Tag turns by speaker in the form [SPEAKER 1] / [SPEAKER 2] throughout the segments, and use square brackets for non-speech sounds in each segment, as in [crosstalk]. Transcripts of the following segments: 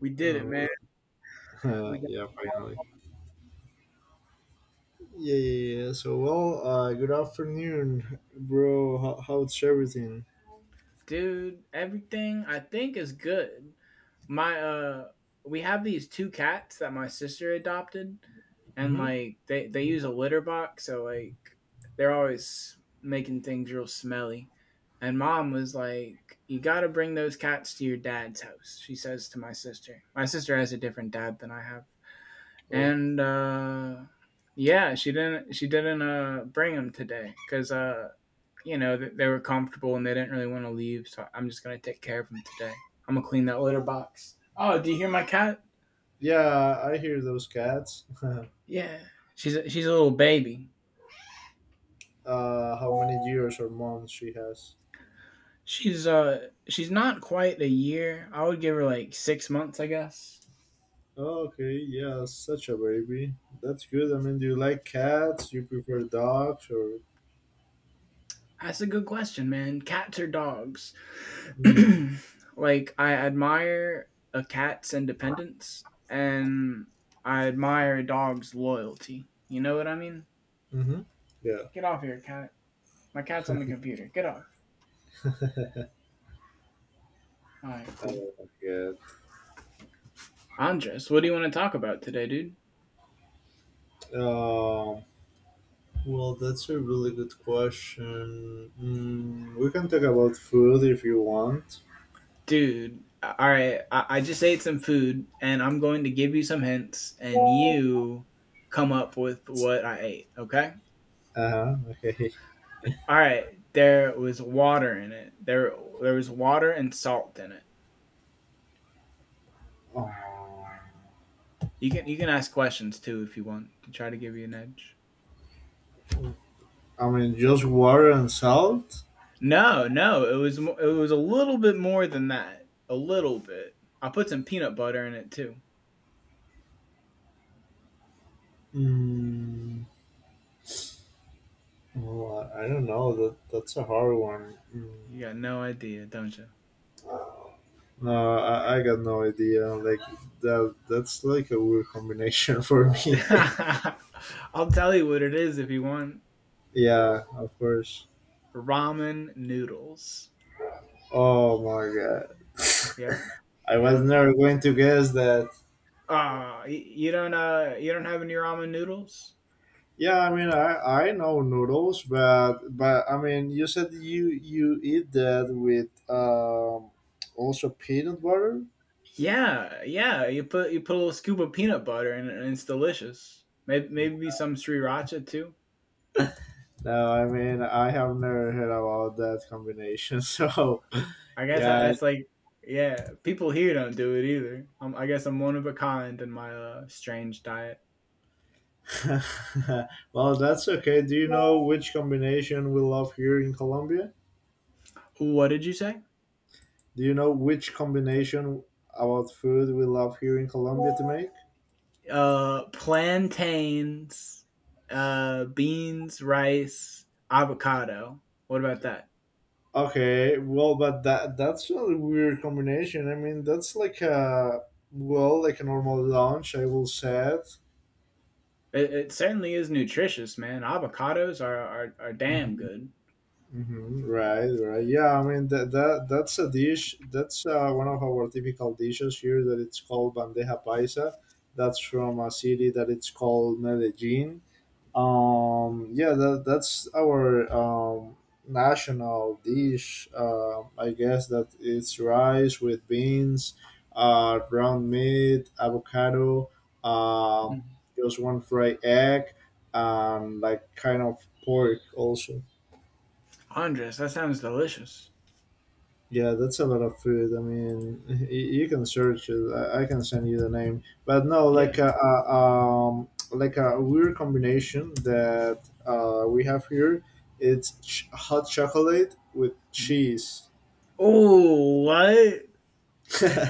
[SPEAKER 1] We did it, man.
[SPEAKER 2] Oh,
[SPEAKER 1] We
[SPEAKER 2] [laughs]
[SPEAKER 1] got
[SPEAKER 2] yeah, finally. Yeah, yeah, yeah. So, well, good afternoon, bro. How's everything?
[SPEAKER 1] dude, everything I think is good. My we have these two cats that my sister adopted, and
[SPEAKER 2] Mm-hmm.
[SPEAKER 1] like they use a litter box, so like they're always making things real smelly. And mom was like, "You got to bring those cats to your dad's house." She says to my sister. My sister has a different dad than I have.
[SPEAKER 2] Oh,
[SPEAKER 1] And yeah, she didn't bring them today cuz you know, they were comfortable and they didn't really want to leave. So I'm just gonna take care of them today. I'm gonna clean that litter box. Oh, do you hear my cat?
[SPEAKER 2] yeah, I hear those cats. [laughs]
[SPEAKER 1] Yeah, she's a little baby.
[SPEAKER 2] How many years or months she has?
[SPEAKER 1] She's she's not quite a year. I would give her like 6 months, I guess.
[SPEAKER 2] Oh, okay, yeah, such a baby. That's good. I mean, do you like cats? You prefer dogs or?
[SPEAKER 1] That's a good question, man. Cats or dogs?
[SPEAKER 2] Mm-hmm.
[SPEAKER 1] [clears throat] Like I admire a cat's independence, and I admire a dog's loyalty. You know what I mean?
[SPEAKER 2] Yeah.
[SPEAKER 1] Get off here, cat. My cat's on the computer. Get off.
[SPEAKER 2] [laughs] I
[SPEAKER 1] All right, cool.
[SPEAKER 2] like that.
[SPEAKER 1] Andres, what do you want to talk about today, dude?
[SPEAKER 2] Um, Well, that's a really good question. We can talk about food if you want.
[SPEAKER 1] Dude, all right. I just ate some food, and I'm going to give you some hints, and you come up with what I ate. Okay.
[SPEAKER 2] Uh-huh, okay. [laughs]
[SPEAKER 1] All right. There was water in it. There was water and salt in it.
[SPEAKER 2] Um,
[SPEAKER 1] You can ask questions too if you want to try to give you an edge.
[SPEAKER 2] I mean, just water and salt?
[SPEAKER 1] No, no. It was it was a little bit more than that. A little bit. I put some peanut butter in it too.
[SPEAKER 2] Mm, well, I don't know. That's a hard one.
[SPEAKER 1] You got no idea, don't you?
[SPEAKER 2] No, I got no idea. Like, that's like a weird combination [laughs] for me.
[SPEAKER 1] [laughs] I'll tell you what it is if you want
[SPEAKER 2] Yeah, of course.
[SPEAKER 1] ramen noodles.
[SPEAKER 2] Oh my god.
[SPEAKER 1] Yeah,
[SPEAKER 2] [laughs] I was
[SPEAKER 1] yeah.
[SPEAKER 2] never going to guess that.
[SPEAKER 1] Ah, you don't have any ramen noodles?
[SPEAKER 2] Yeah, I mean, I know noodles, but I mean, you said you eat that with also peanut butter.
[SPEAKER 1] Yeah, yeah. You put a little scoop of peanut butter in it, and it's delicious. Maybe some sriracha too.
[SPEAKER 2] No, I mean, I have never heard about that combination. [laughs] So,
[SPEAKER 1] I guess
[SPEAKER 2] yeah.
[SPEAKER 1] that's like yeah. People here don't do it either. I guess I'm one of a kind in my strange diet.
[SPEAKER 2] [laughs] Well, that's okay. Do you know which combination we love here in Colombia?
[SPEAKER 1] What did you say?
[SPEAKER 2] Do you know which combination about food we love here in Colombia to make?
[SPEAKER 1] Plantains, beans, rice, avocado. What about that?
[SPEAKER 2] Okay, well, but that's a weird combination. I mean, that's like a, well, like a normal lunch, I will say it.
[SPEAKER 1] It certainly is nutritious, man. Avocados are damn
[SPEAKER 2] Mhm.
[SPEAKER 1] good.
[SPEAKER 2] Right, right. Yeah, I mean that's a dish. That's one of our typical dishes here. That it's called bandeja paisa. That's from a city that it's called Medellin. Yeah, that's our national dish. I guess that it's rice with beans, ground meat, avocado, um,
[SPEAKER 1] Mm.
[SPEAKER 2] just one fried egg, and like kind of pork also.
[SPEAKER 1] Andres, that sounds delicious.
[SPEAKER 2] Yeah, that's a lot of food. I mean, you can search it. I can send you the name. But no,
[SPEAKER 1] Yeah.
[SPEAKER 2] like a like a weird combination that we have here. It's hot chocolate with
[SPEAKER 1] Mm.
[SPEAKER 2] cheese.
[SPEAKER 1] Oh, what?
[SPEAKER 2] [laughs]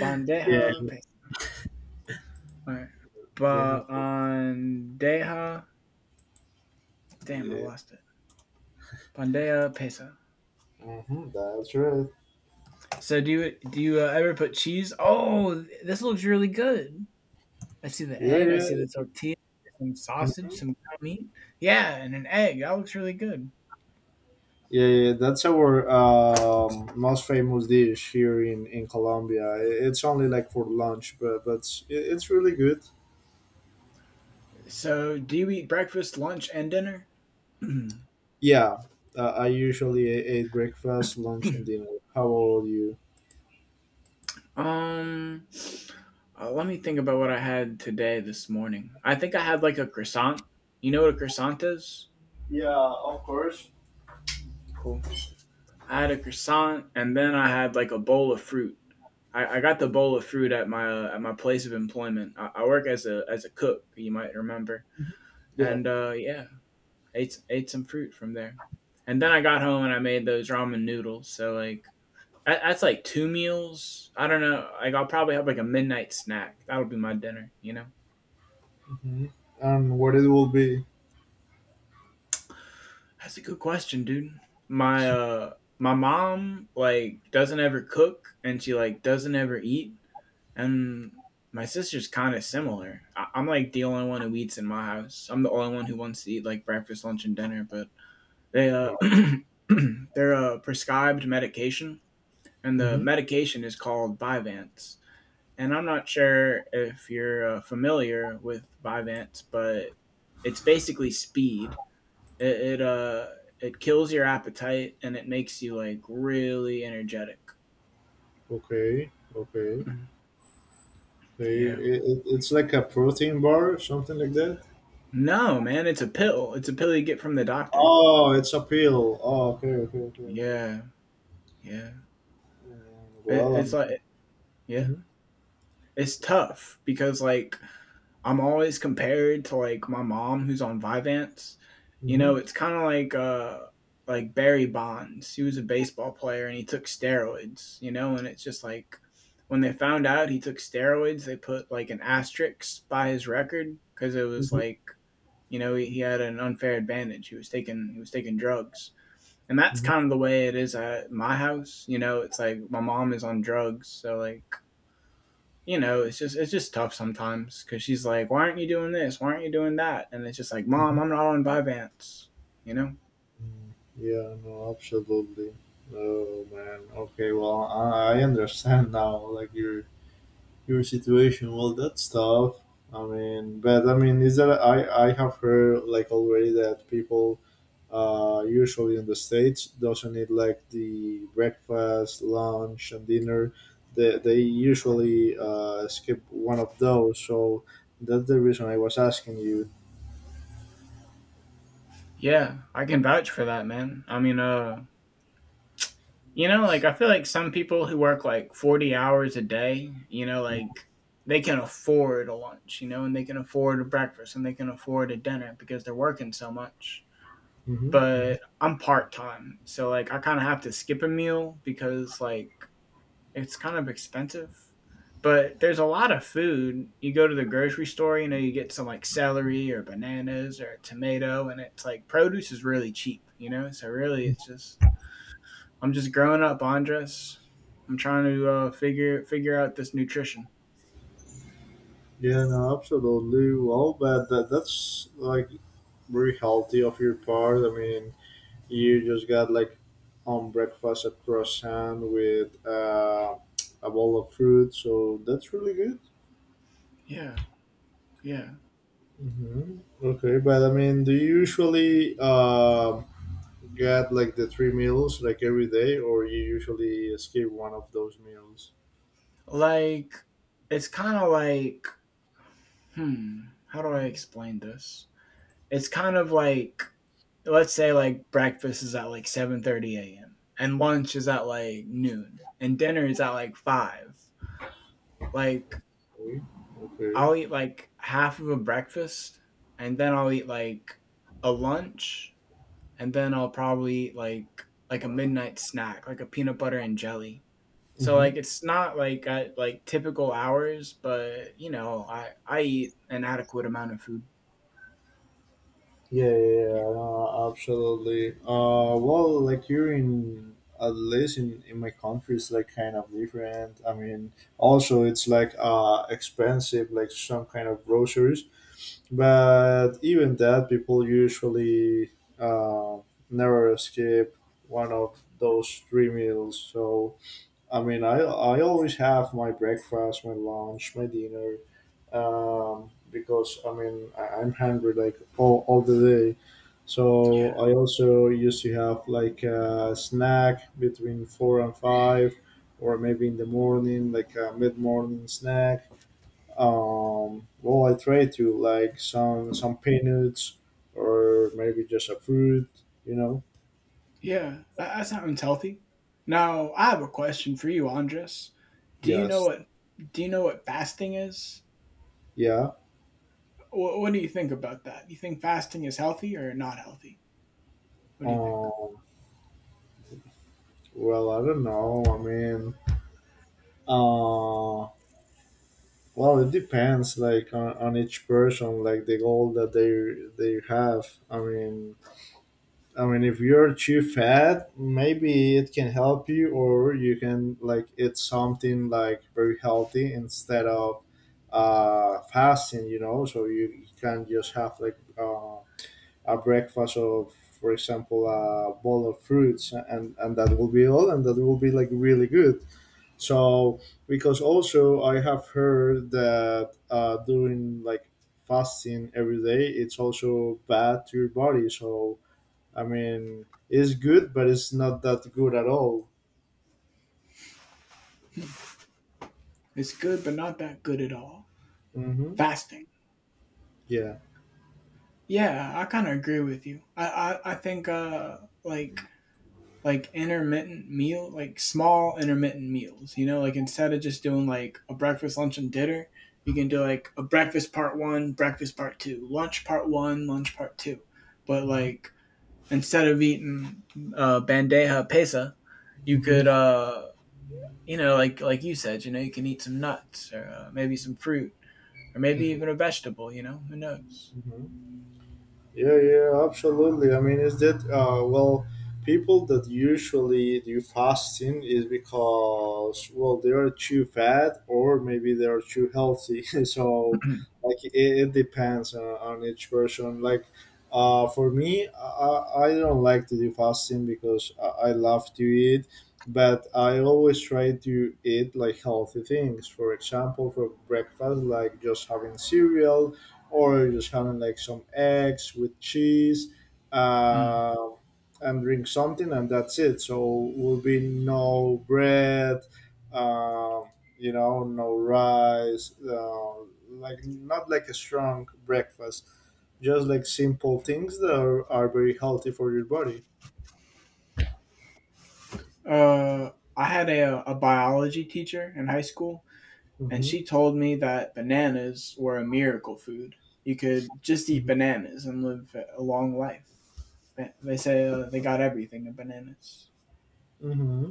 [SPEAKER 1] Bandeja.
[SPEAKER 2] Yeah,
[SPEAKER 1] All right.
[SPEAKER 2] they have.
[SPEAKER 1] Bandeja. Damn, I
[SPEAKER 2] Yeah,
[SPEAKER 1] lost it. Bandeja pesa.
[SPEAKER 2] that's right.
[SPEAKER 1] So do you ever put cheese? Oh, this looks really good. I see the
[SPEAKER 2] Yeah,
[SPEAKER 1] egg. I
[SPEAKER 2] yeah,
[SPEAKER 1] see the tortilla, some sausage,
[SPEAKER 2] mhm,
[SPEAKER 1] some ground meat. Yeah, and an egg. That looks really good.
[SPEAKER 2] yeah, yeah. That's our most famous dish here in Colombia. It's only like for lunch, but it's really good.
[SPEAKER 1] So, do you eat breakfast, lunch, and dinner? [clears throat] um,
[SPEAKER 2] Yeah, I usually ate breakfast, lunch, and dinner. How about you?
[SPEAKER 1] Let me think about what I had today this morning. I think I had like a croissant. You know what a croissant is?
[SPEAKER 2] Yeah, of course.
[SPEAKER 1] Cool. I had a croissant, and then I had like a bowl of fruit. I got the bowl of fruit at my place of employment. I work as a cook. You might remember.
[SPEAKER 2] Yeah.
[SPEAKER 1] And yeah, ate some fruit from there, and then I got home and I made those ramen noodles. So like that's like two meals. I don't know. Like I'll probably have like a midnight snack. That'll be my dinner. You know.
[SPEAKER 2] hmm And what it will be?
[SPEAKER 1] That's a good question, dude. My my mom like doesn't ever cook, and she like doesn't ever eat, and my sister's kind of similar. I'm like the only one who eats in my house. I'm the only one who wants to eat like breakfast, lunch, and dinner. But they [clears throat] they're prescribed medication, and the
[SPEAKER 2] Mm-hmm.
[SPEAKER 1] medication is called Vyvanse. And I'm not sure if you're familiar with Vyvanse, but it's basically speed. It, it it kills your appetite, and it makes you like really energetic.
[SPEAKER 2] Okay, okay.
[SPEAKER 1] [clears throat]
[SPEAKER 2] So
[SPEAKER 1] Yeah.
[SPEAKER 2] it's like a protein bar, or something like that.
[SPEAKER 1] No, man, it's a pill. It's a pill you get from the doctor.
[SPEAKER 2] Oh, it's a pill. Oh, okay, okay, okay, okay.
[SPEAKER 1] Yeah, yeah. It,
[SPEAKER 2] Well,
[SPEAKER 1] it's like
[SPEAKER 2] I'm.
[SPEAKER 1] yeah,
[SPEAKER 2] Mm-hmm.
[SPEAKER 1] it's tough because like I'm always compared to like my mom who's on Vivance. You
[SPEAKER 2] Mm-hmm.
[SPEAKER 1] know, it's kind of like Barry Bonds. He was a baseball player and he took steroids, you know, and it's just like when they found out he took steroids, they put like an asterisk by his record cuz it was
[SPEAKER 2] Mm-hmm.
[SPEAKER 1] like, you know, he had an unfair advantage. He was taking drugs. And that's kind of the way it is at my house, you know, it's like my mom is on drugs, so like you know, it's just tough sometimes because she's like, "Why aren't you doing this? Why aren't you doing that?" And it's just like, "Mom,
[SPEAKER 2] Mm-hmm.
[SPEAKER 1] I'm not on Vyvanse," you know.
[SPEAKER 2] Mm, yeah, no, absolutely. Oh, man. Okay, well, I understand [laughs] now. Like, your situation, well, that's tough. I mean, but I mean, is that I have heard, like, already that people usually in the States doesn't eat like the breakfast, lunch, and dinner. They usually skip one of those, so that's the reason I was asking you.
[SPEAKER 1] Yeah, I can vouch for that, man. I mean, you know, like I feel like some people who work like 40 hours a day, you know, like they can afford a lunch, you know, and they can afford a breakfast, and they can afford a dinner because they're working so much.
[SPEAKER 2] Mhm, mhm.
[SPEAKER 1] But I'm part time, so like I kind of have to skip a meal because like it's kind of expensive, but there's a lot of food. You go to the grocery store, you know, you get some like celery or bananas or a tomato, and it's like produce is really cheap, you know. So really, it's just I'm just growing up, Andres. I'm trying to figure out this nutrition.
[SPEAKER 2] Yeah, no, absolutely. Well, but that's like very healthy of your part. I mean, you just got like home breakfast a croissant with a bowl of fruit, so that's really good.
[SPEAKER 1] Yeah, yeah.
[SPEAKER 2] hmm Okay, but I mean, do you usually get like the three meals like every day, or you usually skip one of those meals?
[SPEAKER 1] Like it's kind of like hmm, how do I explain this? It's kind of like let's say like breakfast is at like 7:30 a.m., and lunch is at like noon, and dinner is at like 5. Like
[SPEAKER 2] Okay. Okay.
[SPEAKER 1] I'll eat like half of a breakfast, and then I'll eat like a lunch, and then I'll probably eat like a midnight snack, like a peanut butter and jelly. So
[SPEAKER 2] Mhm.
[SPEAKER 1] like it's not like at like typical hours, but you know, I eat an adequate amount of food.
[SPEAKER 2] Yeah, yeah,
[SPEAKER 1] Yeah.
[SPEAKER 2] yeah, no, absolutely. Well, like here, in at least in my country, it's like kind of different. I mean, also it's like expensive, like some kind of groceries. But even that, people usually uh, never skip one of those three meals. So I mean, I always have my breakfast, my lunch, my dinner, because I mean I'm hungry like all the day. So I also used to have like a snack between 4 and 5, or maybe in the morning, like a mid morning snack. Well, I try to like some peanuts or maybe just a fruit, you know.
[SPEAKER 1] Yeah, that, that sounds healthy. Now, I have a question for you, Andres. Do you know
[SPEAKER 2] Yes,
[SPEAKER 1] what do you know what fasting is?
[SPEAKER 2] yeah.
[SPEAKER 1] What do you think about that? Do you think fasting is healthy or not healthy? What do you think?
[SPEAKER 2] Um, well, I don't know. I mean. Uh, well, it depends, like on each person, like the goal that they have. I mean, if you're too fat, maybe it can help you, or you can like eat something like very healthy instead of fasting. You know, so you can just have like a breakfast of, for example, a bowl of fruits, and that will be all, and that will be like really good. So, because also I have heard that doing like fasting every day, it's also bad to your body. So, I mean, it's good, but it's not that good at all.
[SPEAKER 1] It's good, but not that good at all.
[SPEAKER 2] hmm
[SPEAKER 1] Fasting.
[SPEAKER 2] Yeah.
[SPEAKER 1] Yeah, I kind of agree with you. I think like like intermittent meal, like small intermittent meals. You know, like instead of just doing like a breakfast, lunch, and dinner, you can do like a breakfast part one, breakfast part two, lunch part one, lunch part two. But like instead of eating bandeja pesa, you
[SPEAKER 2] hmm
[SPEAKER 1] could you know like you said, you know you can eat some nuts or maybe some fruit or maybe even
[SPEAKER 2] hmm
[SPEAKER 1] a vegetable. You know, who knows?
[SPEAKER 2] hmm Yeah, yeah, absolutely. I mean, is that well, people that usually do fasting is because well, they are too fat or maybe they are too healthy. [laughs] So,
[SPEAKER 1] [clears throat]
[SPEAKER 2] like, it depends on each person. Like, for me, I don't like to do fasting because I love to eat, but I always try to eat like healthy things. For example, for breakfast, like just having cereal or just having like some eggs with cheese
[SPEAKER 1] Mm.
[SPEAKER 2] uh, and drink something and that's it, so will be no bread, uh, no rice, like not like a strong breakfast, just like simple things that are very healthy for your body.
[SPEAKER 1] Uh, I had a biology teacher in high school, and
[SPEAKER 2] hmm
[SPEAKER 1] she told me that bananas were a miracle food. You could just eat bananas and live a long life. Say they got everything in bananas.
[SPEAKER 2] hmm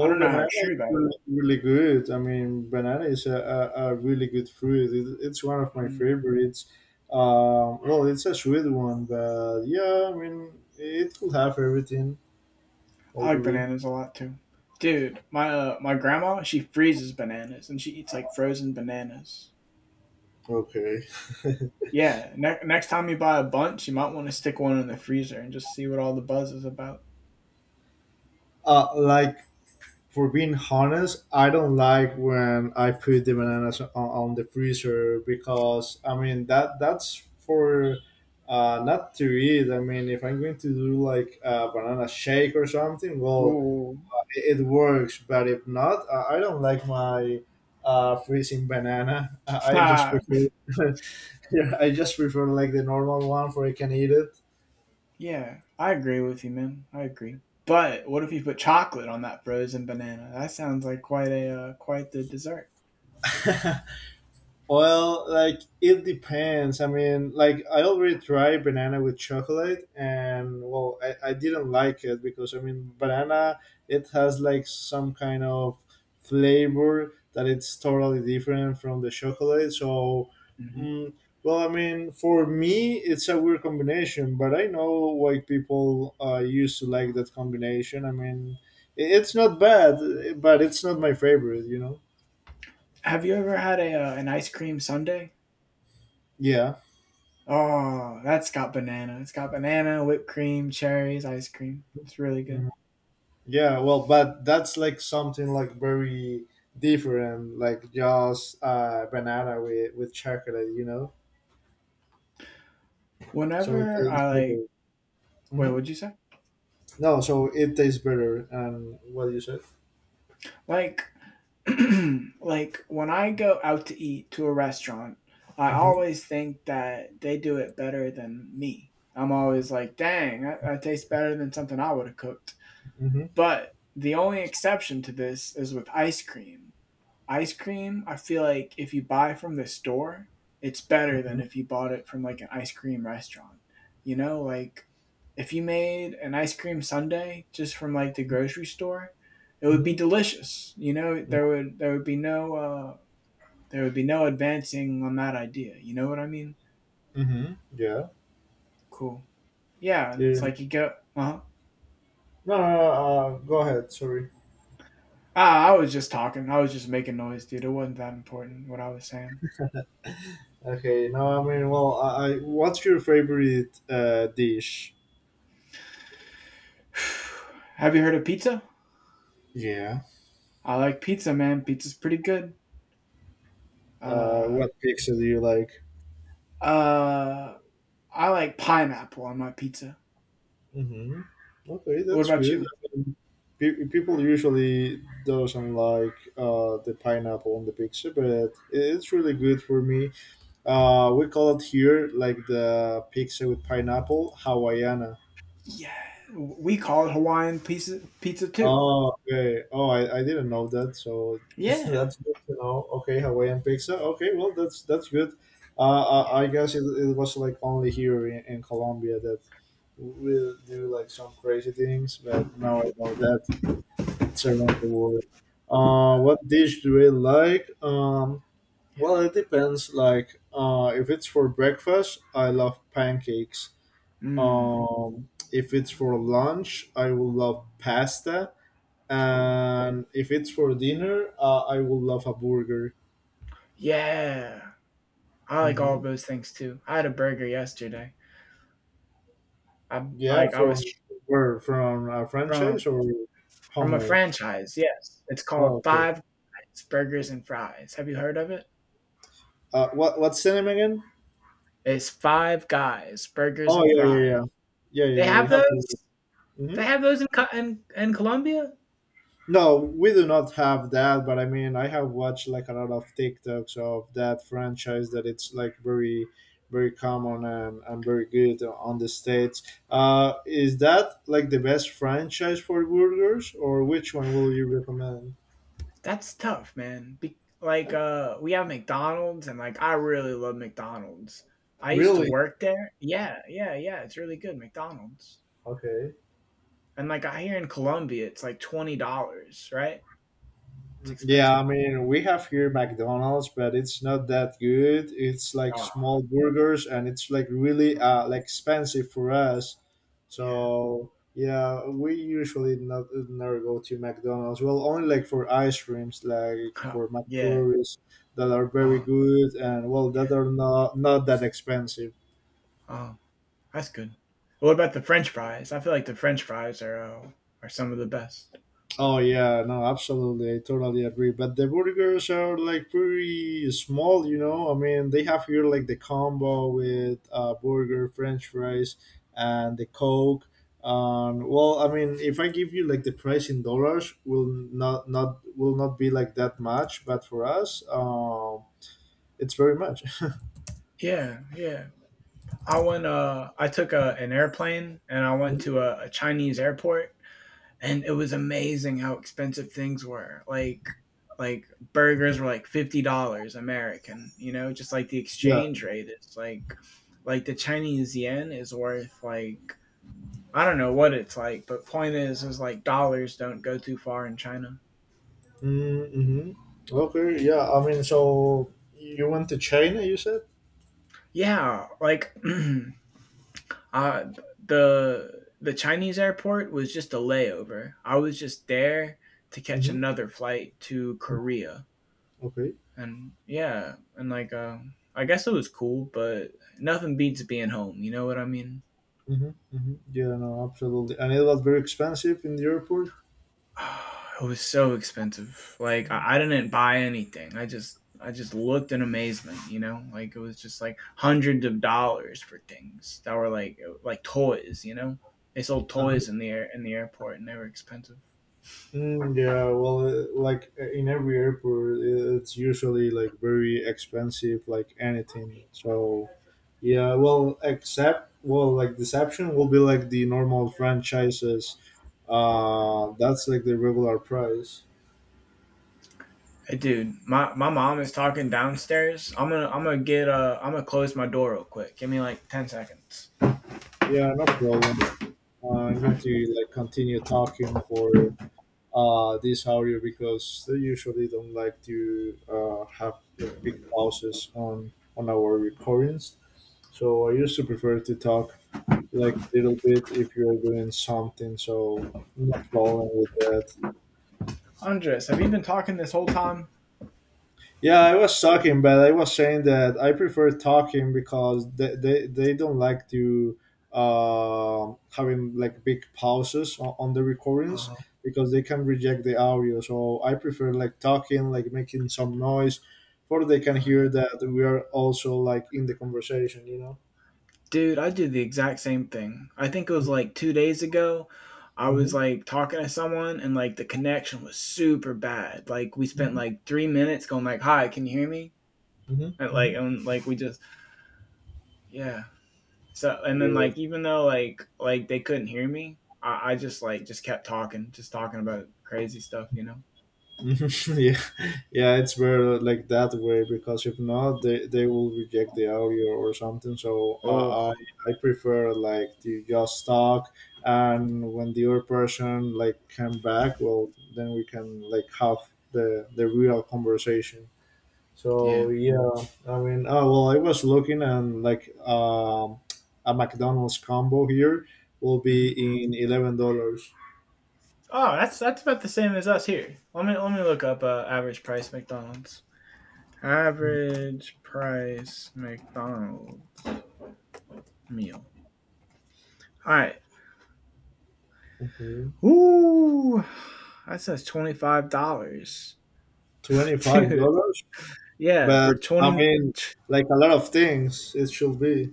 [SPEAKER 1] I don't know how
[SPEAKER 2] banana is
[SPEAKER 1] true that is.
[SPEAKER 2] really, really good. I mean, banana is a really good fruit. It's one of my
[SPEAKER 1] Mm.
[SPEAKER 2] favorites. Well, it's a sweet one, but yeah, I mean, it could have everything, I
[SPEAKER 1] I like
[SPEAKER 2] believe.
[SPEAKER 1] bananas a lot too. Dude, my grandma, she freezes bananas, and she eats like frozen bananas.
[SPEAKER 2] Okay. [laughs]
[SPEAKER 1] Yeah, next time you buy a bunch, you might want to stick one in the freezer and just see what all the buzz is about.
[SPEAKER 2] Like, for being honest, I don't like when I put the bananas on the freezer because, I mean, that's for not to eat. I mean, if I'm going to do like a banana shake or something, well,
[SPEAKER 1] Ooh. [laughs]
[SPEAKER 2] it works, but if not, I don't like my freezing banana. I just
[SPEAKER 1] Ha,
[SPEAKER 2] prefer. [laughs] Yeah, I just prefer, like, the normal one for I can eat it.
[SPEAKER 1] yeah, I agree with you, man. I agree. But what if you put chocolate on that frozen banana? That sounds like quite a quite the dessert.
[SPEAKER 2] [laughs] Well, like, it depends. I mean, like I already tried banana with chocolate, and well, I didn't like it because I mean, banana, it has like some kind of flavor that it's totally different from the chocolate. So,
[SPEAKER 1] Hmm.
[SPEAKER 2] mm, well, I mean, for me, it's a weird combination, but I know why people used to like that combination. I mean, it's not bad, but it's not my favorite. You know?
[SPEAKER 1] Have you ever had a an ice cream sundae?
[SPEAKER 2] Yeah.
[SPEAKER 1] Oh, that's got banana. It's got banana, whipped cream, cherries, ice cream. It's really good.
[SPEAKER 2] Mm-hmm. Yeah, well, but that's like something like very different, like just banana with chocolate. So it
[SPEAKER 1] Whenever I
[SPEAKER 2] tastes
[SPEAKER 1] like,
[SPEAKER 2] better.
[SPEAKER 1] Wait,
[SPEAKER 2] hmm
[SPEAKER 1] what'd you say?
[SPEAKER 2] No, so it tastes better. And what you said?
[SPEAKER 1] Like [clears throat] like when I go out to eat to a restaurant, I
[SPEAKER 2] Mm-hmm.
[SPEAKER 1] always think that they do it better than me. I'm always like, dang, that tastes better than something I would have cooked.
[SPEAKER 2] Mm-hmm.
[SPEAKER 1] But the only exception to this is with ice cream, I feel like if you buy from the store, it's better than
[SPEAKER 2] Mm-hmm.
[SPEAKER 1] if you bought it from like an ice cream restaurant. You know, like if you made an ice cream sundae just from like the grocery store, it would be
[SPEAKER 2] Mm-hmm.
[SPEAKER 1] delicious. You know, there would be no there would be no advancing on that idea. You know what I mean?
[SPEAKER 2] Mm-hmm. Yeah.
[SPEAKER 1] Cool. Yeah, and it's
[SPEAKER 2] Yeah.
[SPEAKER 1] like you go, uh huh.
[SPEAKER 2] No, no, no. Go ahead. Sorry.
[SPEAKER 1] Ah, I was just talking. I was just making noise, dude. It wasn't that important what I was saying.
[SPEAKER 2] Okay. No, I mean, well, I what's your favorite dish?
[SPEAKER 1] [sighs] Have you heard of pizza?
[SPEAKER 2] Yeah.
[SPEAKER 1] I like pizza, man. Pizza's pretty good. Uh,
[SPEAKER 2] What pizza do you like?
[SPEAKER 1] uh, I like pineapple on my pizza.
[SPEAKER 2] Mm-hmm. Okay,
[SPEAKER 1] What
[SPEAKER 2] that's
[SPEAKER 1] about
[SPEAKER 2] good.
[SPEAKER 1] you?
[SPEAKER 2] I mean, people usually doesn't like the pineapple on the pizza, but it's really good for me. We call it here like the pizza with pineapple Hawaiiana.
[SPEAKER 1] Yeah, we call it Hawaiian pizza too.
[SPEAKER 2] Oh, okay. Oh, I didn't know that. So [laughs]
[SPEAKER 1] Yeah,
[SPEAKER 2] that's good to know. Okay, Hawaiian pizza. Okay, well, that's good.
[SPEAKER 1] yeah,
[SPEAKER 2] I guess it was like only here in Colombia that we do like some crazy things, but now I know that it's around the world. What dish do I like?
[SPEAKER 1] yeah.
[SPEAKER 2] Well, it depends. Like, if it's for breakfast, I love pancakes.
[SPEAKER 1] Mmm.
[SPEAKER 2] If it's for lunch, I will love pasta,
[SPEAKER 1] Oh,
[SPEAKER 2] and if it's for dinner, I will love a burger.
[SPEAKER 1] yeah. I like all
[SPEAKER 2] hmm
[SPEAKER 1] those things too. I had a burger yesterday. I
[SPEAKER 2] Yeah,
[SPEAKER 1] like I was
[SPEAKER 2] from where? From a
[SPEAKER 1] from
[SPEAKER 2] franchise or
[SPEAKER 1] a
[SPEAKER 2] homemade?
[SPEAKER 1] franchise. Yes, it's
[SPEAKER 2] Oh,
[SPEAKER 1] called
[SPEAKER 2] okay.
[SPEAKER 1] Five Guys Burgers and Fries. Have you heard of it?
[SPEAKER 2] What's the name again?
[SPEAKER 1] It's Five Guys Burgers
[SPEAKER 2] Oh,
[SPEAKER 1] and
[SPEAKER 2] yeah,
[SPEAKER 1] Fries.
[SPEAKER 2] yeah, yeah, yeah,
[SPEAKER 1] They
[SPEAKER 2] yeah. Yeah,
[SPEAKER 1] have
[SPEAKER 2] I have to.
[SPEAKER 1] those. They
[SPEAKER 2] Mhm.
[SPEAKER 1] have those in Colombia.
[SPEAKER 2] No, we do not have that, but I mean, I have watched like a lot of TikToks of that franchise that it's like very, very common and very good on the States. Is that like the best franchise for burgers, or which one will you recommend?
[SPEAKER 1] That's tough, man. We have McDonald's and like I really love McDonald's. I used to
[SPEAKER 2] Really?
[SPEAKER 1] work there. Yeah, yeah, yeah. It's really good, McDonald's.
[SPEAKER 2] Okay.
[SPEAKER 1] And like I here in Colombia, it's like $20, right? It's
[SPEAKER 2] Yeah,
[SPEAKER 1] expensive.
[SPEAKER 2] I mean, we have here McDonald's, but it's not that good. It's like
[SPEAKER 1] Uh,
[SPEAKER 2] small burgers and it's like really
[SPEAKER 1] uh
[SPEAKER 2] like expensive for us.
[SPEAKER 1] Yeah.
[SPEAKER 2] So, yeah, we usually not never go to McDonald's. Well, only like for ice creams, like
[SPEAKER 1] Uh,
[SPEAKER 2] for
[SPEAKER 1] yeah.
[SPEAKER 2] McFlurries that are very
[SPEAKER 1] Uh,
[SPEAKER 2] good and well
[SPEAKER 1] yeah.
[SPEAKER 2] that are not that expensive.
[SPEAKER 1] Uh, that's good. What about the French fries? I feel like the French fries are some of the best.
[SPEAKER 2] Oh, yeah, no, absolutely, I totally agree. But the burgers are like pretty small. I mean, they have here like the combo with burger, French fries, and the Coke. Well, I mean, if I give you like the price in dollars, will not be like that much, but for us, it's very much.
[SPEAKER 1] Yeah, yeah. I went. I took an airplane and I went
[SPEAKER 2] [laughs]
[SPEAKER 1] to a Chinese airport, and it was amazing how expensive things were. Like burgers were like $50 American, you know, just like the
[SPEAKER 2] Yeah.
[SPEAKER 1] exchange rate. It's like the Chinese yen is worth like, I don't know what it's like, but point is like dollars don't go too far in China.
[SPEAKER 2] Mm-hmm. Okay. Yeah. I mean, so you went to China, you said.
[SPEAKER 1] Yeah, like [clears throat] uh the Chinese airport was just a layover. I was just there to catch
[SPEAKER 2] Mm-hmm.
[SPEAKER 1] another flight to Korea,
[SPEAKER 2] Okay.
[SPEAKER 1] and yeah, and I guess it was cool, but nothing beats being home. You know what I mean?
[SPEAKER 2] Yeah, no, absolutely. And it was very expensive in the airport.
[SPEAKER 1] [sighs] It was so expensive. Like I didn't buy anything. I just looked in amazement. You know, like it was just like hundreds of dollars for things that were like toys. You know, they sold
[SPEAKER 2] Um,
[SPEAKER 1] toys in the airport, and they were expensive.
[SPEAKER 2] yeah, well, like in every airport, it's usually like very expensive, like anything. So, yeah, well, except, well, like Deception will be like the normal franchises. That's like the regular price.
[SPEAKER 1] Hey, dude, my mom is talking downstairs. I'm gonna get I'm gonna close my door real quick. Give me like 10 seconds.
[SPEAKER 2] Yeah, no problem. I'm going to like continue talking for this area because they usually don't like to have like big pauses on our recordings. So I used to prefer to talk like a little bit if you're doing something. So no problem with that.
[SPEAKER 1] Andres, have you been talking this whole time?
[SPEAKER 2] Yeah, I was talking, but I was saying that I prefer talking because they don't like to having like big pauses on the recordings
[SPEAKER 1] Oh,
[SPEAKER 2] because they can reject the audio. So I prefer like talking, like making some noise, or they can
[SPEAKER 1] oh yeah.
[SPEAKER 2] hear that we are also like in the conversation. You know.
[SPEAKER 1] Dude, I did the exact same thing. I think it was like 2 days ago. I was
[SPEAKER 2] Mm-hmm.
[SPEAKER 1] like talking to someone and like the connection was super bad. Like we spent like 3 minutes going like, "Hi, can you hear me?"
[SPEAKER 2] Mm-hmm.
[SPEAKER 1] And like
[SPEAKER 2] Mm-hmm.
[SPEAKER 1] and like we just yeah. So and then
[SPEAKER 2] Yeah.
[SPEAKER 1] like even though like they couldn't hear me, I just like just kept talking, just talking about crazy stuff, you know.
[SPEAKER 2] [laughs] yeah. Yeah, it's where like that way because if not, they will reject the audio or something, so
[SPEAKER 1] Oh,
[SPEAKER 2] I prefer like to just talk, and when the other person like come back, well, then we can like have the real conversation,
[SPEAKER 1] yeah.
[SPEAKER 2] so yeah. I mean, oh, well, I was looking and like a McDonald's combo here will be
[SPEAKER 1] Mhm.
[SPEAKER 2] in $11.
[SPEAKER 1] Oh, that's about the same as us here. Let me look up average price McDonald's. Average price McDonald meal. All right.
[SPEAKER 2] Okay.
[SPEAKER 1] Ooh, that says $25, [laughs]
[SPEAKER 2] 25
[SPEAKER 1] dude.
[SPEAKER 2] dollars
[SPEAKER 1] Yeah, for
[SPEAKER 2] But I
[SPEAKER 1] 20.
[SPEAKER 2] mean, like a lot of things, it should be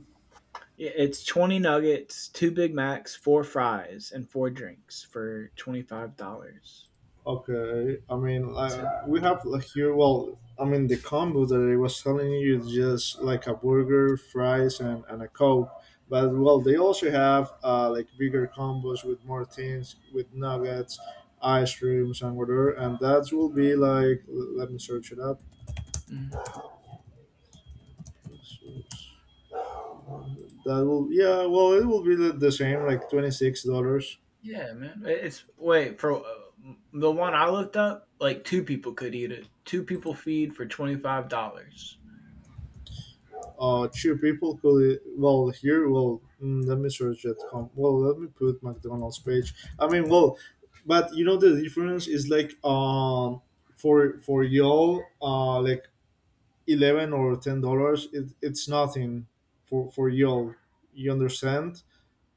[SPEAKER 1] Yeah, it's 20 nuggets, two Big Macs, four fries, and four drinks for $25.
[SPEAKER 2] okay. I mean,
[SPEAKER 1] So,
[SPEAKER 2] like we have like here. Well, I mean, the combo that I was telling you is just like a burger, fries, and a coke. But well, they also have like bigger combos with more things, with nuggets, ice creams, and whatever. And that will be like. Let me search it up. That will, yeah. Well, it will be the same, like $26.
[SPEAKER 1] yeah, man. It's wait for the one I looked up. Like two people could eat it. Two people feed for $25.
[SPEAKER 2] Two people could, well, here. Well, let me search that. Well, let me put McDonald's page. I mean, well, but you know the difference is like for y'all like $11 or $10. It's nothing for y'all. You understand?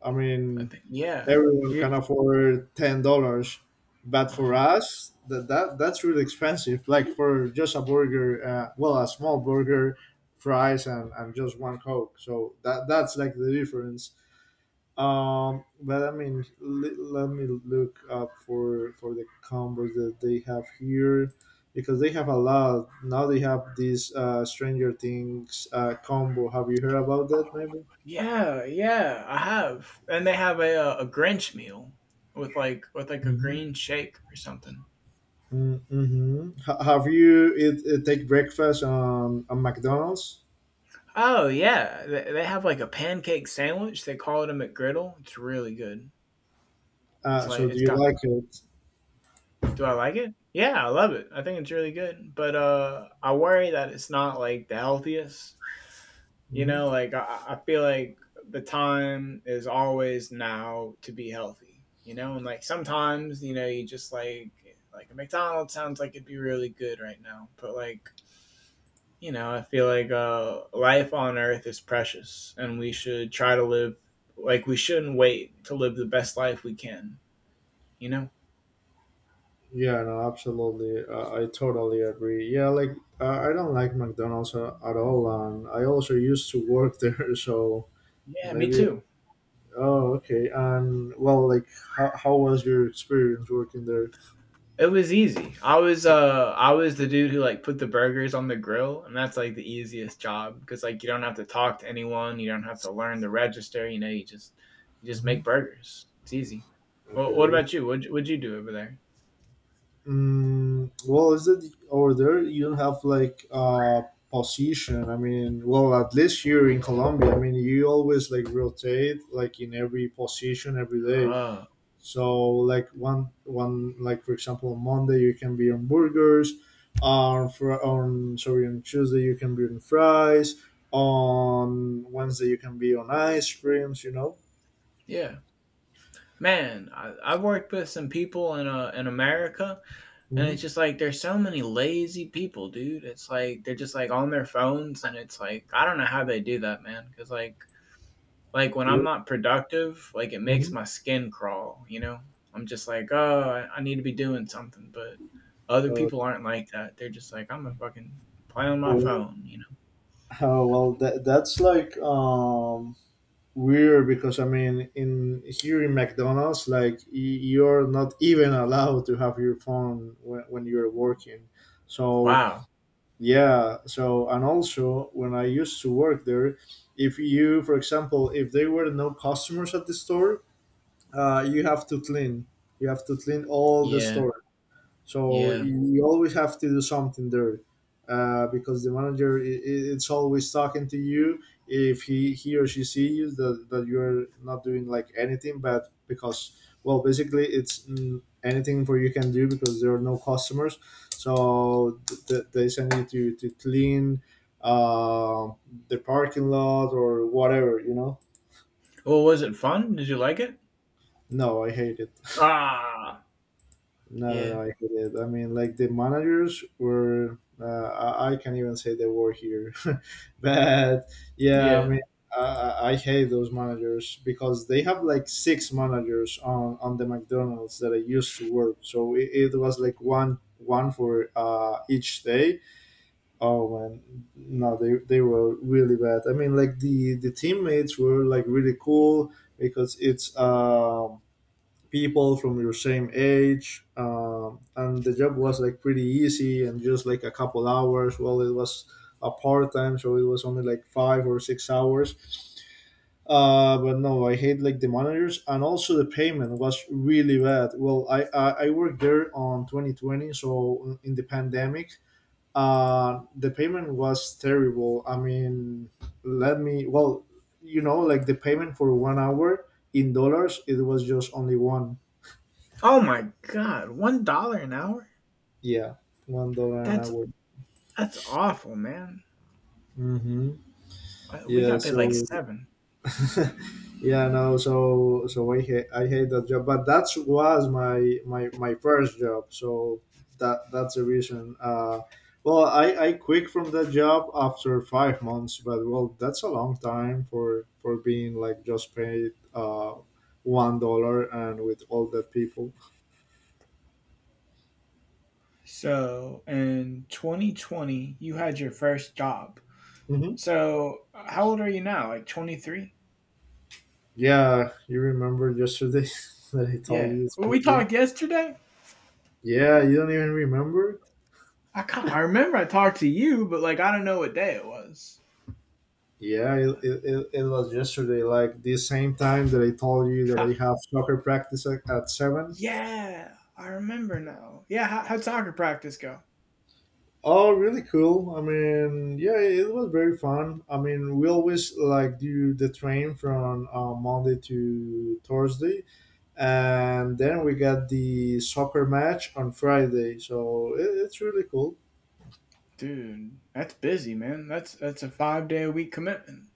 [SPEAKER 2] I
[SPEAKER 1] I
[SPEAKER 2] mean,
[SPEAKER 1] think. Yeah.
[SPEAKER 2] everyone can afford $10, but
[SPEAKER 1] Uh huh.
[SPEAKER 2] for us, that's really expensive. Like for just a burger, well, a small burger, fries, and just one coke. So that's like the difference. But I mean, let me look up for the combos that they have here because they have a lot now. They have this Stranger Things combo. Have you heard about that? Maybe.
[SPEAKER 1] Yeah, yeah, I have. And they have a Grinch meal with like a green shake or something.
[SPEAKER 2] Mm-hmm. Have you take breakfast on McDonald's?
[SPEAKER 1] Oh yeah, they have like a pancake sandwich. They call it a McGriddle. It's really good. It's like
[SPEAKER 2] So do
[SPEAKER 1] it's
[SPEAKER 2] you
[SPEAKER 1] got.
[SPEAKER 2] like it?
[SPEAKER 1] Do I like it? Yeah, I love it. I think it's really good. But I worry that it's not like the healthiest. You know,
[SPEAKER 2] Hmm.
[SPEAKER 1] like I feel like the time is always now to be healthy. You know, and like sometimes you know you just like a McDonald's sounds like it'd be really good right now, but like you know I feel like life on Earth is precious, and we should try to live like we shouldn't wait to live the best life we can. You know?
[SPEAKER 2] Yeah, no, absolutely. I totally agree. Yeah, like I don't like McDonald's at all, and I also used to work [laughs] there, so
[SPEAKER 1] Yeah, me
[SPEAKER 2] maybe.
[SPEAKER 1] too.
[SPEAKER 2] Oh, okay. And, well, like, how was your experience working there?
[SPEAKER 1] It was easy. I was the dude who like put the burgers on the grill, and that's like the easiest job because like you don't have to talk to anyone, you don't have to learn the register. You know, you just
[SPEAKER 2] Mm-hmm.
[SPEAKER 1] make burgers. It's easy. Well, what
[SPEAKER 2] Okay.
[SPEAKER 1] about you? What'd you do over there?
[SPEAKER 2] Well, is that over there? You don't have like a position. I mean, well, at least here in Colombia, I mean, you always like rotate like in every position every day.
[SPEAKER 1] Oh,
[SPEAKER 2] So like one like, for example, on Monday you can be on burgers, on, sorry, on Tuesday you can be on fries, on Wednesday you can be on ice creams. You know.
[SPEAKER 1] yeah. Man, I've worked with some people in America, and
[SPEAKER 2] Mm-hmm.
[SPEAKER 1] it's just like there's so many lazy people, dude. It's like they're just like on their phones, and it's like I don't know how they do that, man. Because like when I'm not productive, like it makes
[SPEAKER 2] Hmm.
[SPEAKER 1] my skin crawl, you know? I'm just like, "Oh, I need to be doing something," but other
[SPEAKER 2] Uh,
[SPEAKER 1] people aren't like that. They're just like, "Imma fucking play on my
[SPEAKER 2] well,
[SPEAKER 1] phone," you know?
[SPEAKER 2] [laughs] well, that's like weird because I mean, in here in McDonald's, like you're not even allowed to have your phone when you're working. So
[SPEAKER 1] Wow.
[SPEAKER 2] yeah, so and also when I used to work there, if you, for example, if there were no customers at the store, you have to clean. You have to clean all the
[SPEAKER 1] Yeah,
[SPEAKER 2] store, so
[SPEAKER 1] yeah.
[SPEAKER 2] you always have to do something there, because the manager it's always talking to you if he or she sees that, you're not doing like anything but because, well, basically it's, anything for you can do because there are no customers, so they send you to clean uh, the parking lot or whatever, you know.
[SPEAKER 1] Well, was it fun? Did you like it?
[SPEAKER 2] No, I hate it.
[SPEAKER 1] Ah,
[SPEAKER 2] No, no,
[SPEAKER 1] yeah,
[SPEAKER 2] no, I get it. I mean, like the managers were, I, can't even say they were here, [laughs] but yeah, I
[SPEAKER 1] yeah.
[SPEAKER 2] mean, I hate those managers because they have like six managers on the McDonald's that I used to work. So it was like one for each day. Oh man, no, they were really bad. I mean, like the teammates were like really cool because it's people from your same age, and the job was like pretty easy and just like a couple hours, well, it was a part-time, so it was only like 5 or 6 hours, but no, I hate like the managers, and also the payment was really bad. Well, I worked there on 2020, so in the pandemic, the payment was terrible. I mean, let me, well, like the payment for 1 hour in dollars, it was just only one.
[SPEAKER 1] Oh my god, $1 an hour?
[SPEAKER 2] Yeah, $1 an
[SPEAKER 1] That's
[SPEAKER 2] hour.
[SPEAKER 1] that's awful, man.
[SPEAKER 2] Mm-hmm.
[SPEAKER 1] We
[SPEAKER 2] Yeah.
[SPEAKER 1] got paid like
[SPEAKER 2] So,
[SPEAKER 1] 7.
[SPEAKER 2] [laughs] yeah, no. So, I hate that job, but that was my first job. So that's the reason. Well, I quit from that job after 5 months, but well, that's a long time for being like just paid $1 and with all that people.
[SPEAKER 1] So, in 2020, you had your first job.
[SPEAKER 2] Mm-hmm.
[SPEAKER 1] So, how old are you now? Like 23?
[SPEAKER 2] Yeah, you remember yesterday [laughs] that I
[SPEAKER 1] Yeah.
[SPEAKER 2] told you it's
[SPEAKER 1] Well, we
[SPEAKER 2] been three.
[SPEAKER 1] talked yesterday?
[SPEAKER 2] Yeah, you don't even remember.
[SPEAKER 1] I can't, I remember I talked to you, but like I don't know what day it was.
[SPEAKER 2] Yeah, it was yesterday, like the same time that I told you that I
[SPEAKER 1] [laughs]
[SPEAKER 2] have soccer practice at 7.
[SPEAKER 1] Yeah, I remember now. Yeah, how'd soccer practice go?
[SPEAKER 2] Oh, really cool. I mean, yeah, it was very fun. I mean, we always like do the train from Monday to Thursday, and then we got the soccer match on Friday. So it's really cool.
[SPEAKER 1] Dude, that's busy, man. That's a 5 day a week commitment.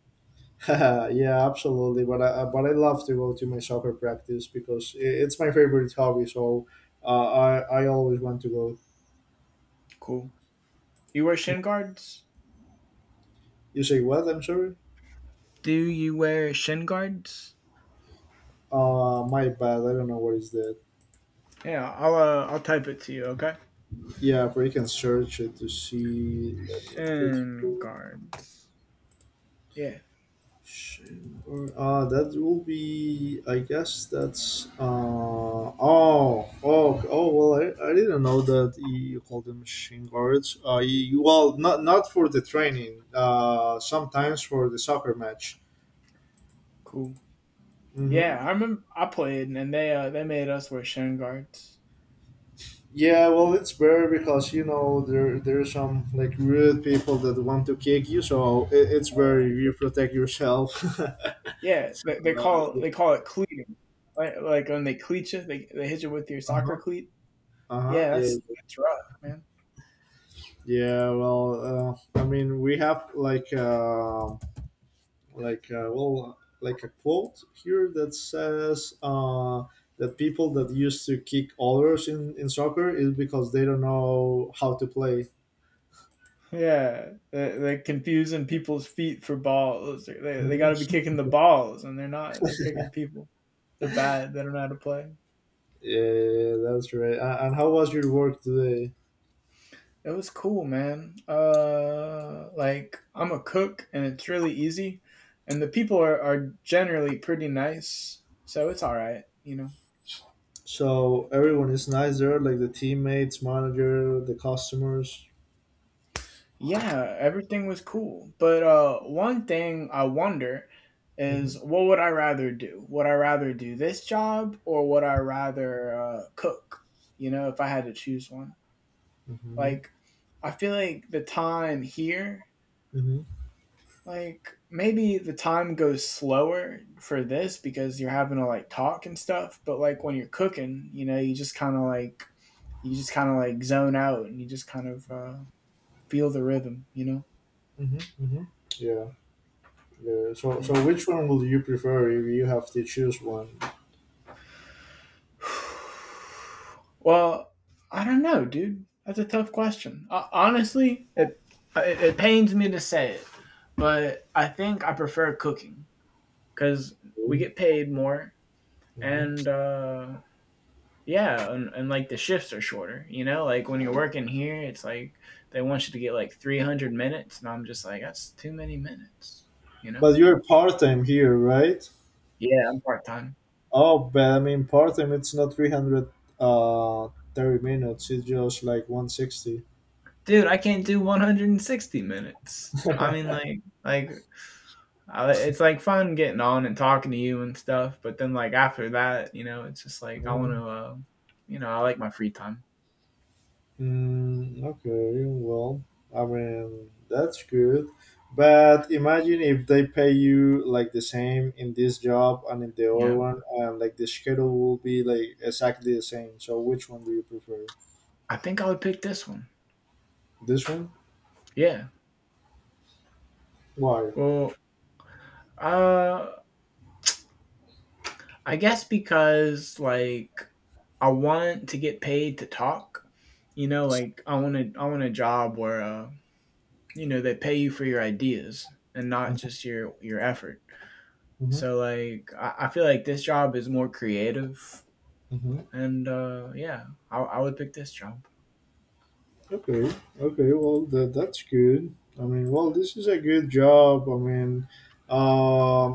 [SPEAKER 2] [laughs] Yeah, absolutely. But I love to go to my soccer practice because it's my favorite hobby. So I always want to go.
[SPEAKER 1] Cool. You wear shin guards?
[SPEAKER 2] You say what? I'm sorry.
[SPEAKER 1] Do you wear shin guards?
[SPEAKER 2] My bad. I don't know what is that.
[SPEAKER 1] Yeah, I'll type it to you, okay?
[SPEAKER 2] Yeah, but you can search it to see. Let me put.
[SPEAKER 1] Shin guards. Yeah,
[SPEAKER 2] Shamgar. That will be. I guess that's. Oh, oh, oh. Well, I didn't know that you call them shin guards. You, well, not for the training. Sometimes for the soccer match.
[SPEAKER 1] cool. Yeah, I
[SPEAKER 2] Hmm.
[SPEAKER 1] remember I played, and they made us wear shin guards.
[SPEAKER 2] Yeah, well, it's better because there are some like rude people that want to kick you, so it's where
[SPEAKER 1] Uh,
[SPEAKER 2] you protect yourself. [laughs] Uh
[SPEAKER 1] yeah, they call it cleating, like when they cleat you, they hit you with your soccer
[SPEAKER 2] huh.
[SPEAKER 1] cleat.
[SPEAKER 2] Uh huh.
[SPEAKER 1] Yeah,
[SPEAKER 2] Yeah.
[SPEAKER 1] that's rough, man.
[SPEAKER 2] Yeah. Well, I mean, we have like well, like a quote here that says that people that used to kick others in soccer is because they don't know how to play.
[SPEAKER 1] Yeah, they're confusing people's feet for balls. They got
[SPEAKER 2] Mhm.
[SPEAKER 1] to be kicking the
[SPEAKER 2] [laughs]
[SPEAKER 1] balls, and they're not. They're kicking people. They're bad. They don't know how to play.
[SPEAKER 2] Yeah, that's right. And how was your work today?
[SPEAKER 1] It was cool, man. Like I'm a cook, and it's really easy, and the people are generally pretty nice, so it's all right, you know.
[SPEAKER 2] So everyone is nice there, like the teammates, manager, the customers.
[SPEAKER 1] Yeah, everything was cool, but one thing I wonder is
[SPEAKER 2] Mhm,
[SPEAKER 1] what would I rather do? Would I rather do this job or would I rather cook? You know, if I had to choose one,
[SPEAKER 2] mhm,
[SPEAKER 1] like I feel like the time here,
[SPEAKER 2] mhm,
[SPEAKER 1] like maybe the time goes slower for this because you're having to like talk and stuff, but like when you're cooking, you know, you just kind of like zone out and you just kind of feel the rhythm, you know?
[SPEAKER 2] mhm, mhm. Yeah, yeah. So,
[SPEAKER 1] Yeah.
[SPEAKER 2] so which one will you prefer if you have to choose one?
[SPEAKER 1] [sighs] Well, I don't know, dude. That's a tough question. Honestly, it pains me to say it, but I think I prefer cooking because we get paid more
[SPEAKER 2] Mhm.
[SPEAKER 1] and yeah, and like the shifts are shorter, you know? Like when you're working here, it's like they want you to get like 300 minutes, and I'm just like, that's too many minutes, you know?
[SPEAKER 2] But you're part time here, right?
[SPEAKER 1] Yeah, I'm part time.
[SPEAKER 2] Oh, but I mean, part time it's not 300, 30 minutes, it's just like 160.
[SPEAKER 1] Dude, I can't do 160 minutes. I mean,
[SPEAKER 2] [laughs]
[SPEAKER 1] like it's like fun getting on and talking to you and stuff, but then like after that, you know, it's just like I want to, you know, I like my free time.
[SPEAKER 2] Okay, well, I mean, that's good. But imagine if they pay you like the same in this job and in the other
[SPEAKER 1] Yeah,
[SPEAKER 2] one, and like the schedule will be like exactly the same. So, which one do you prefer?
[SPEAKER 1] I think I would pick this one.
[SPEAKER 2] This one?
[SPEAKER 1] Yeah.
[SPEAKER 2] Why?
[SPEAKER 1] Well, uh, I guess because like I want to get paid to talk. You know, like I want a job where you know, they pay you for your ideas and not just your effort.
[SPEAKER 2] Mm-hmm,
[SPEAKER 1] So like I feel like this job is more creative
[SPEAKER 2] mm-hmm.
[SPEAKER 1] and yeah, I would pick this job.
[SPEAKER 2] Okay, okay, well, that's good. I mean, well, this is a good job. I mean,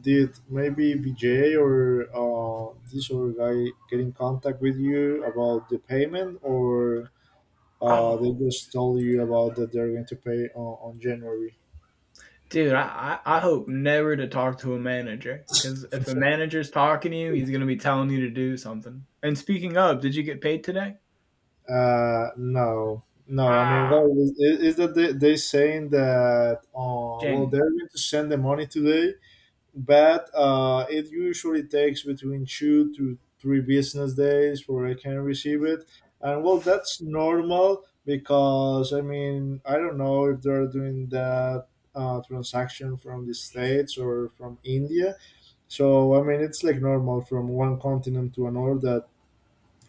[SPEAKER 2] did maybe BJ or this other guy get in contact with you about the payment, or they
[SPEAKER 1] Oh,
[SPEAKER 2] just told you about that they're going to pay on January?
[SPEAKER 1] dude, I hope never to talk to a manager cuz if a manager's talking to you, he's going to be telling you to do something. And speaking of, did you get paid today?
[SPEAKER 2] No, no. I mean,
[SPEAKER 1] Ah,
[SPEAKER 2] well, is that they saying that well,
[SPEAKER 1] Jen.
[SPEAKER 2] they're going to send the money today, but it usually takes between 2 to 3 business days for I can receive it. And well, that's normal because I mean I don't know if they're doing that transaction from the states or from India. So I mean it's like normal from one continent to another that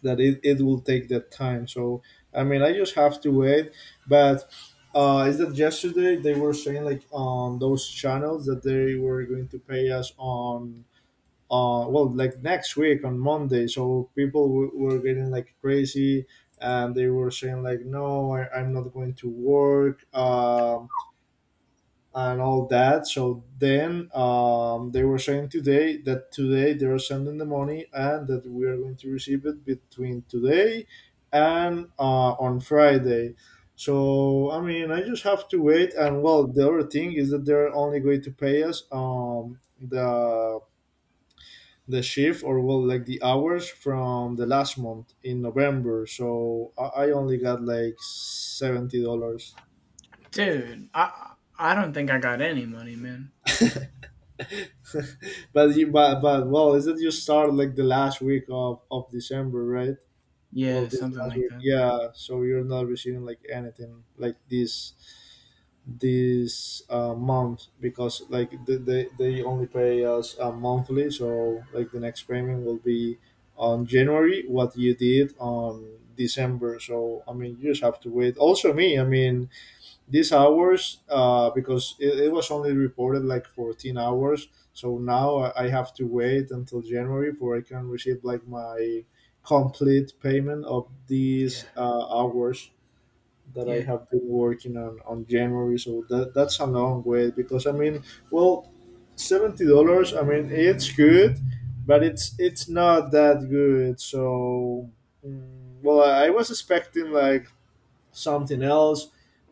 [SPEAKER 2] that it will take that time. So I mean, I just have to wait. But is that yesterday they were saying like on those channels that they were going to pay us on, well, like next week on Monday. So people were getting like crazy and they were saying like, no, I'm not going to work, and all that. So then, they were saying today that today they are sending the money and that we are going to receive it between today and on Friday. So I mean, I just have to wait. And well, the other thing is that they're only going to pay us, the shift, or, well, like the hours from the last month in November. So I only got like $70.
[SPEAKER 1] Dude, I don't think I got any money, man.
[SPEAKER 2] [laughs] But you but well, is it you start like the last week of December, right? Well,
[SPEAKER 1] Yeah,
[SPEAKER 2] this
[SPEAKER 1] something
[SPEAKER 2] last
[SPEAKER 1] like
[SPEAKER 2] week,
[SPEAKER 1] that.
[SPEAKER 2] yeah, so you're not receiving like anything like this month, because like they only pay us monthly, so like the next payment will be on January, what you did on December. So I mean, you just have to wait, also me. I mean, these hours, because it was only reported like 14 hours, so now I have to wait until January before I can receive like my complete payment of these
[SPEAKER 1] Yeah,
[SPEAKER 2] hours that I
[SPEAKER 1] yeah.
[SPEAKER 2] have been working on January. So that's a long wait, because I mean, well, $70, I mean, it's good, but it's not that good. So, well, I was expecting like something else,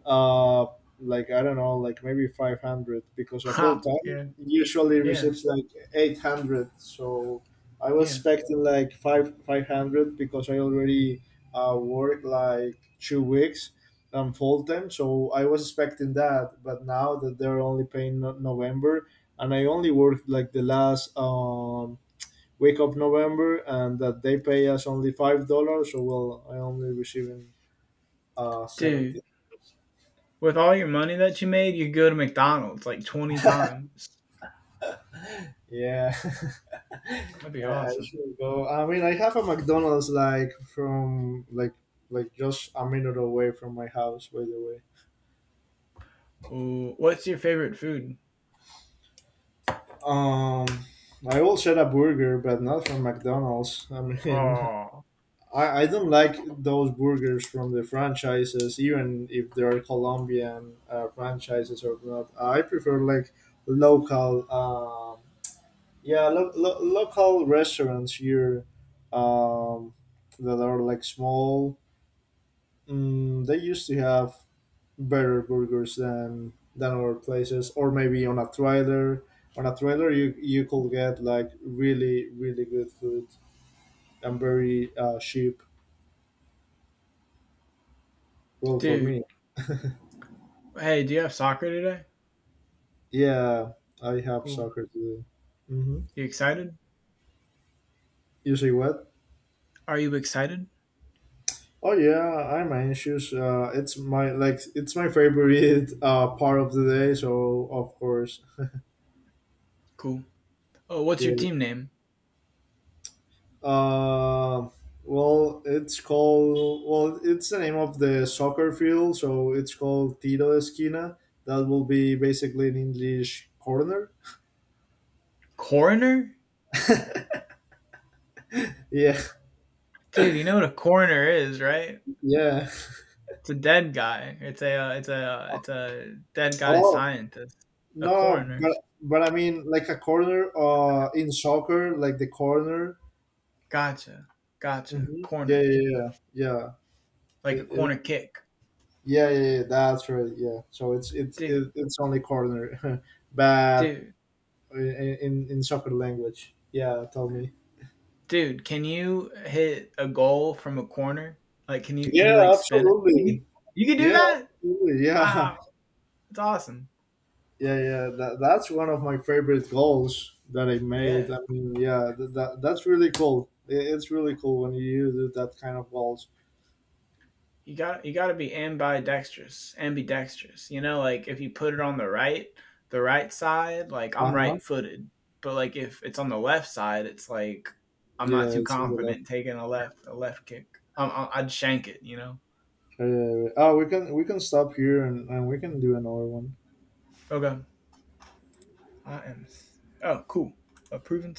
[SPEAKER 2] uh like I don't know, like maybe 500, because a full
[SPEAKER 1] Ha!
[SPEAKER 2] time
[SPEAKER 1] Yeah,
[SPEAKER 2] usually
[SPEAKER 1] yeah,
[SPEAKER 2] receives like 800. So I was
[SPEAKER 1] yeah.
[SPEAKER 2] expecting like 5 500 because I already work like 2 weeks, full time, so I was expecting that. But now that they're only paying November, and I only worked like the last, week of November, and that they pay us only $5. So, well, I only receiving, 70.
[SPEAKER 1] Dude, with all your money that you made, you could go to McDonald's, like, 20 times.
[SPEAKER 2] Yeah, [laughs]
[SPEAKER 1] That'd be
[SPEAKER 2] I
[SPEAKER 1] awesome.
[SPEAKER 2] should go. I mean, I have a McDonald's like from like just a minute away from my house. By the way,
[SPEAKER 1] Ooh, what's your favorite food?
[SPEAKER 2] um, I will get a burger, but not from McDonald's. I mean,
[SPEAKER 1] Oh,
[SPEAKER 2] [laughs] I don't like those burgers from the franchises, even if they are Colombian franchises or not. I prefer like local. Yeah, local restaurants here, um, that are like small, they used to have better burgers than other places. Or maybe on a trailer, you could get like really good food, and very cheap. Well, for
[SPEAKER 1] dude.
[SPEAKER 2] me,
[SPEAKER 1] Hey, do you have soccer today?
[SPEAKER 2] yeah, I have
[SPEAKER 1] Cool.
[SPEAKER 2] soccer today. Mm-hmm.
[SPEAKER 1] You excited?
[SPEAKER 2] You say what?
[SPEAKER 1] Are you excited?
[SPEAKER 2] Oh yeah, I'm anxious. It's my, favorite, [laughs] part of the day, so of course.
[SPEAKER 1] Cool. Oh, what's
[SPEAKER 2] Yeah.
[SPEAKER 1] your team name?
[SPEAKER 2] Uh, well, it's called, well, it's the name of the soccer field, so it's called Tiro Esquina. That will be basically an English corner.
[SPEAKER 1] Coroner?
[SPEAKER 2] Yeah,
[SPEAKER 1] Dude, you know what a coroner is, right?
[SPEAKER 2] [laughs] yeah.
[SPEAKER 1] It's a dead guy. It's a, it's a, it's a dead guy
[SPEAKER 2] Oh,
[SPEAKER 1] scientist. A
[SPEAKER 2] no,
[SPEAKER 1] coroner.
[SPEAKER 2] but I mean, like a corner in soccer, like the corner.
[SPEAKER 1] Gotcha. Gotcha.
[SPEAKER 2] Hmm. Yeah,
[SPEAKER 1] Corner.
[SPEAKER 2] yeah, yeah, yeah.
[SPEAKER 1] Like a
[SPEAKER 2] It,
[SPEAKER 1] corner
[SPEAKER 2] it,
[SPEAKER 1] kick.
[SPEAKER 2] yeah, yeah, yeah, that's right. Yeah, so it's it's
[SPEAKER 1] Dude,
[SPEAKER 2] it, it's only corner, [laughs] but
[SPEAKER 1] dude,
[SPEAKER 2] in soccer language. Yeah, tell me.
[SPEAKER 1] dude, can you hit a goal from a corner? Like can you
[SPEAKER 2] Yeah,
[SPEAKER 1] like spin it?
[SPEAKER 2] absolutely.
[SPEAKER 1] You can do
[SPEAKER 2] Yeah,
[SPEAKER 1] that?
[SPEAKER 2] absolutely. Yeah,
[SPEAKER 1] Wow. That's awesome.
[SPEAKER 2] [laughs] yeah, yeah. That's one of my favorite goals that I
[SPEAKER 1] Yeah.
[SPEAKER 2] made. I mean, yeah, that's really cool. It's really cool when you do that kind of goals.
[SPEAKER 1] You got to be ambidextrous. You know, like if you put it on the right side, like
[SPEAKER 2] Uh
[SPEAKER 1] I'm
[SPEAKER 2] huh.
[SPEAKER 1] right-footed, but like if it's on the left side, it's like I'm not
[SPEAKER 2] Yeah,
[SPEAKER 1] too
[SPEAKER 2] it's in the left.
[SPEAKER 1] confident taking a left kick. I- I'd shank it, you know.
[SPEAKER 2] Oh, we can stop here, and we can do another one.
[SPEAKER 1] Okay. I am. Oh, cool. Approving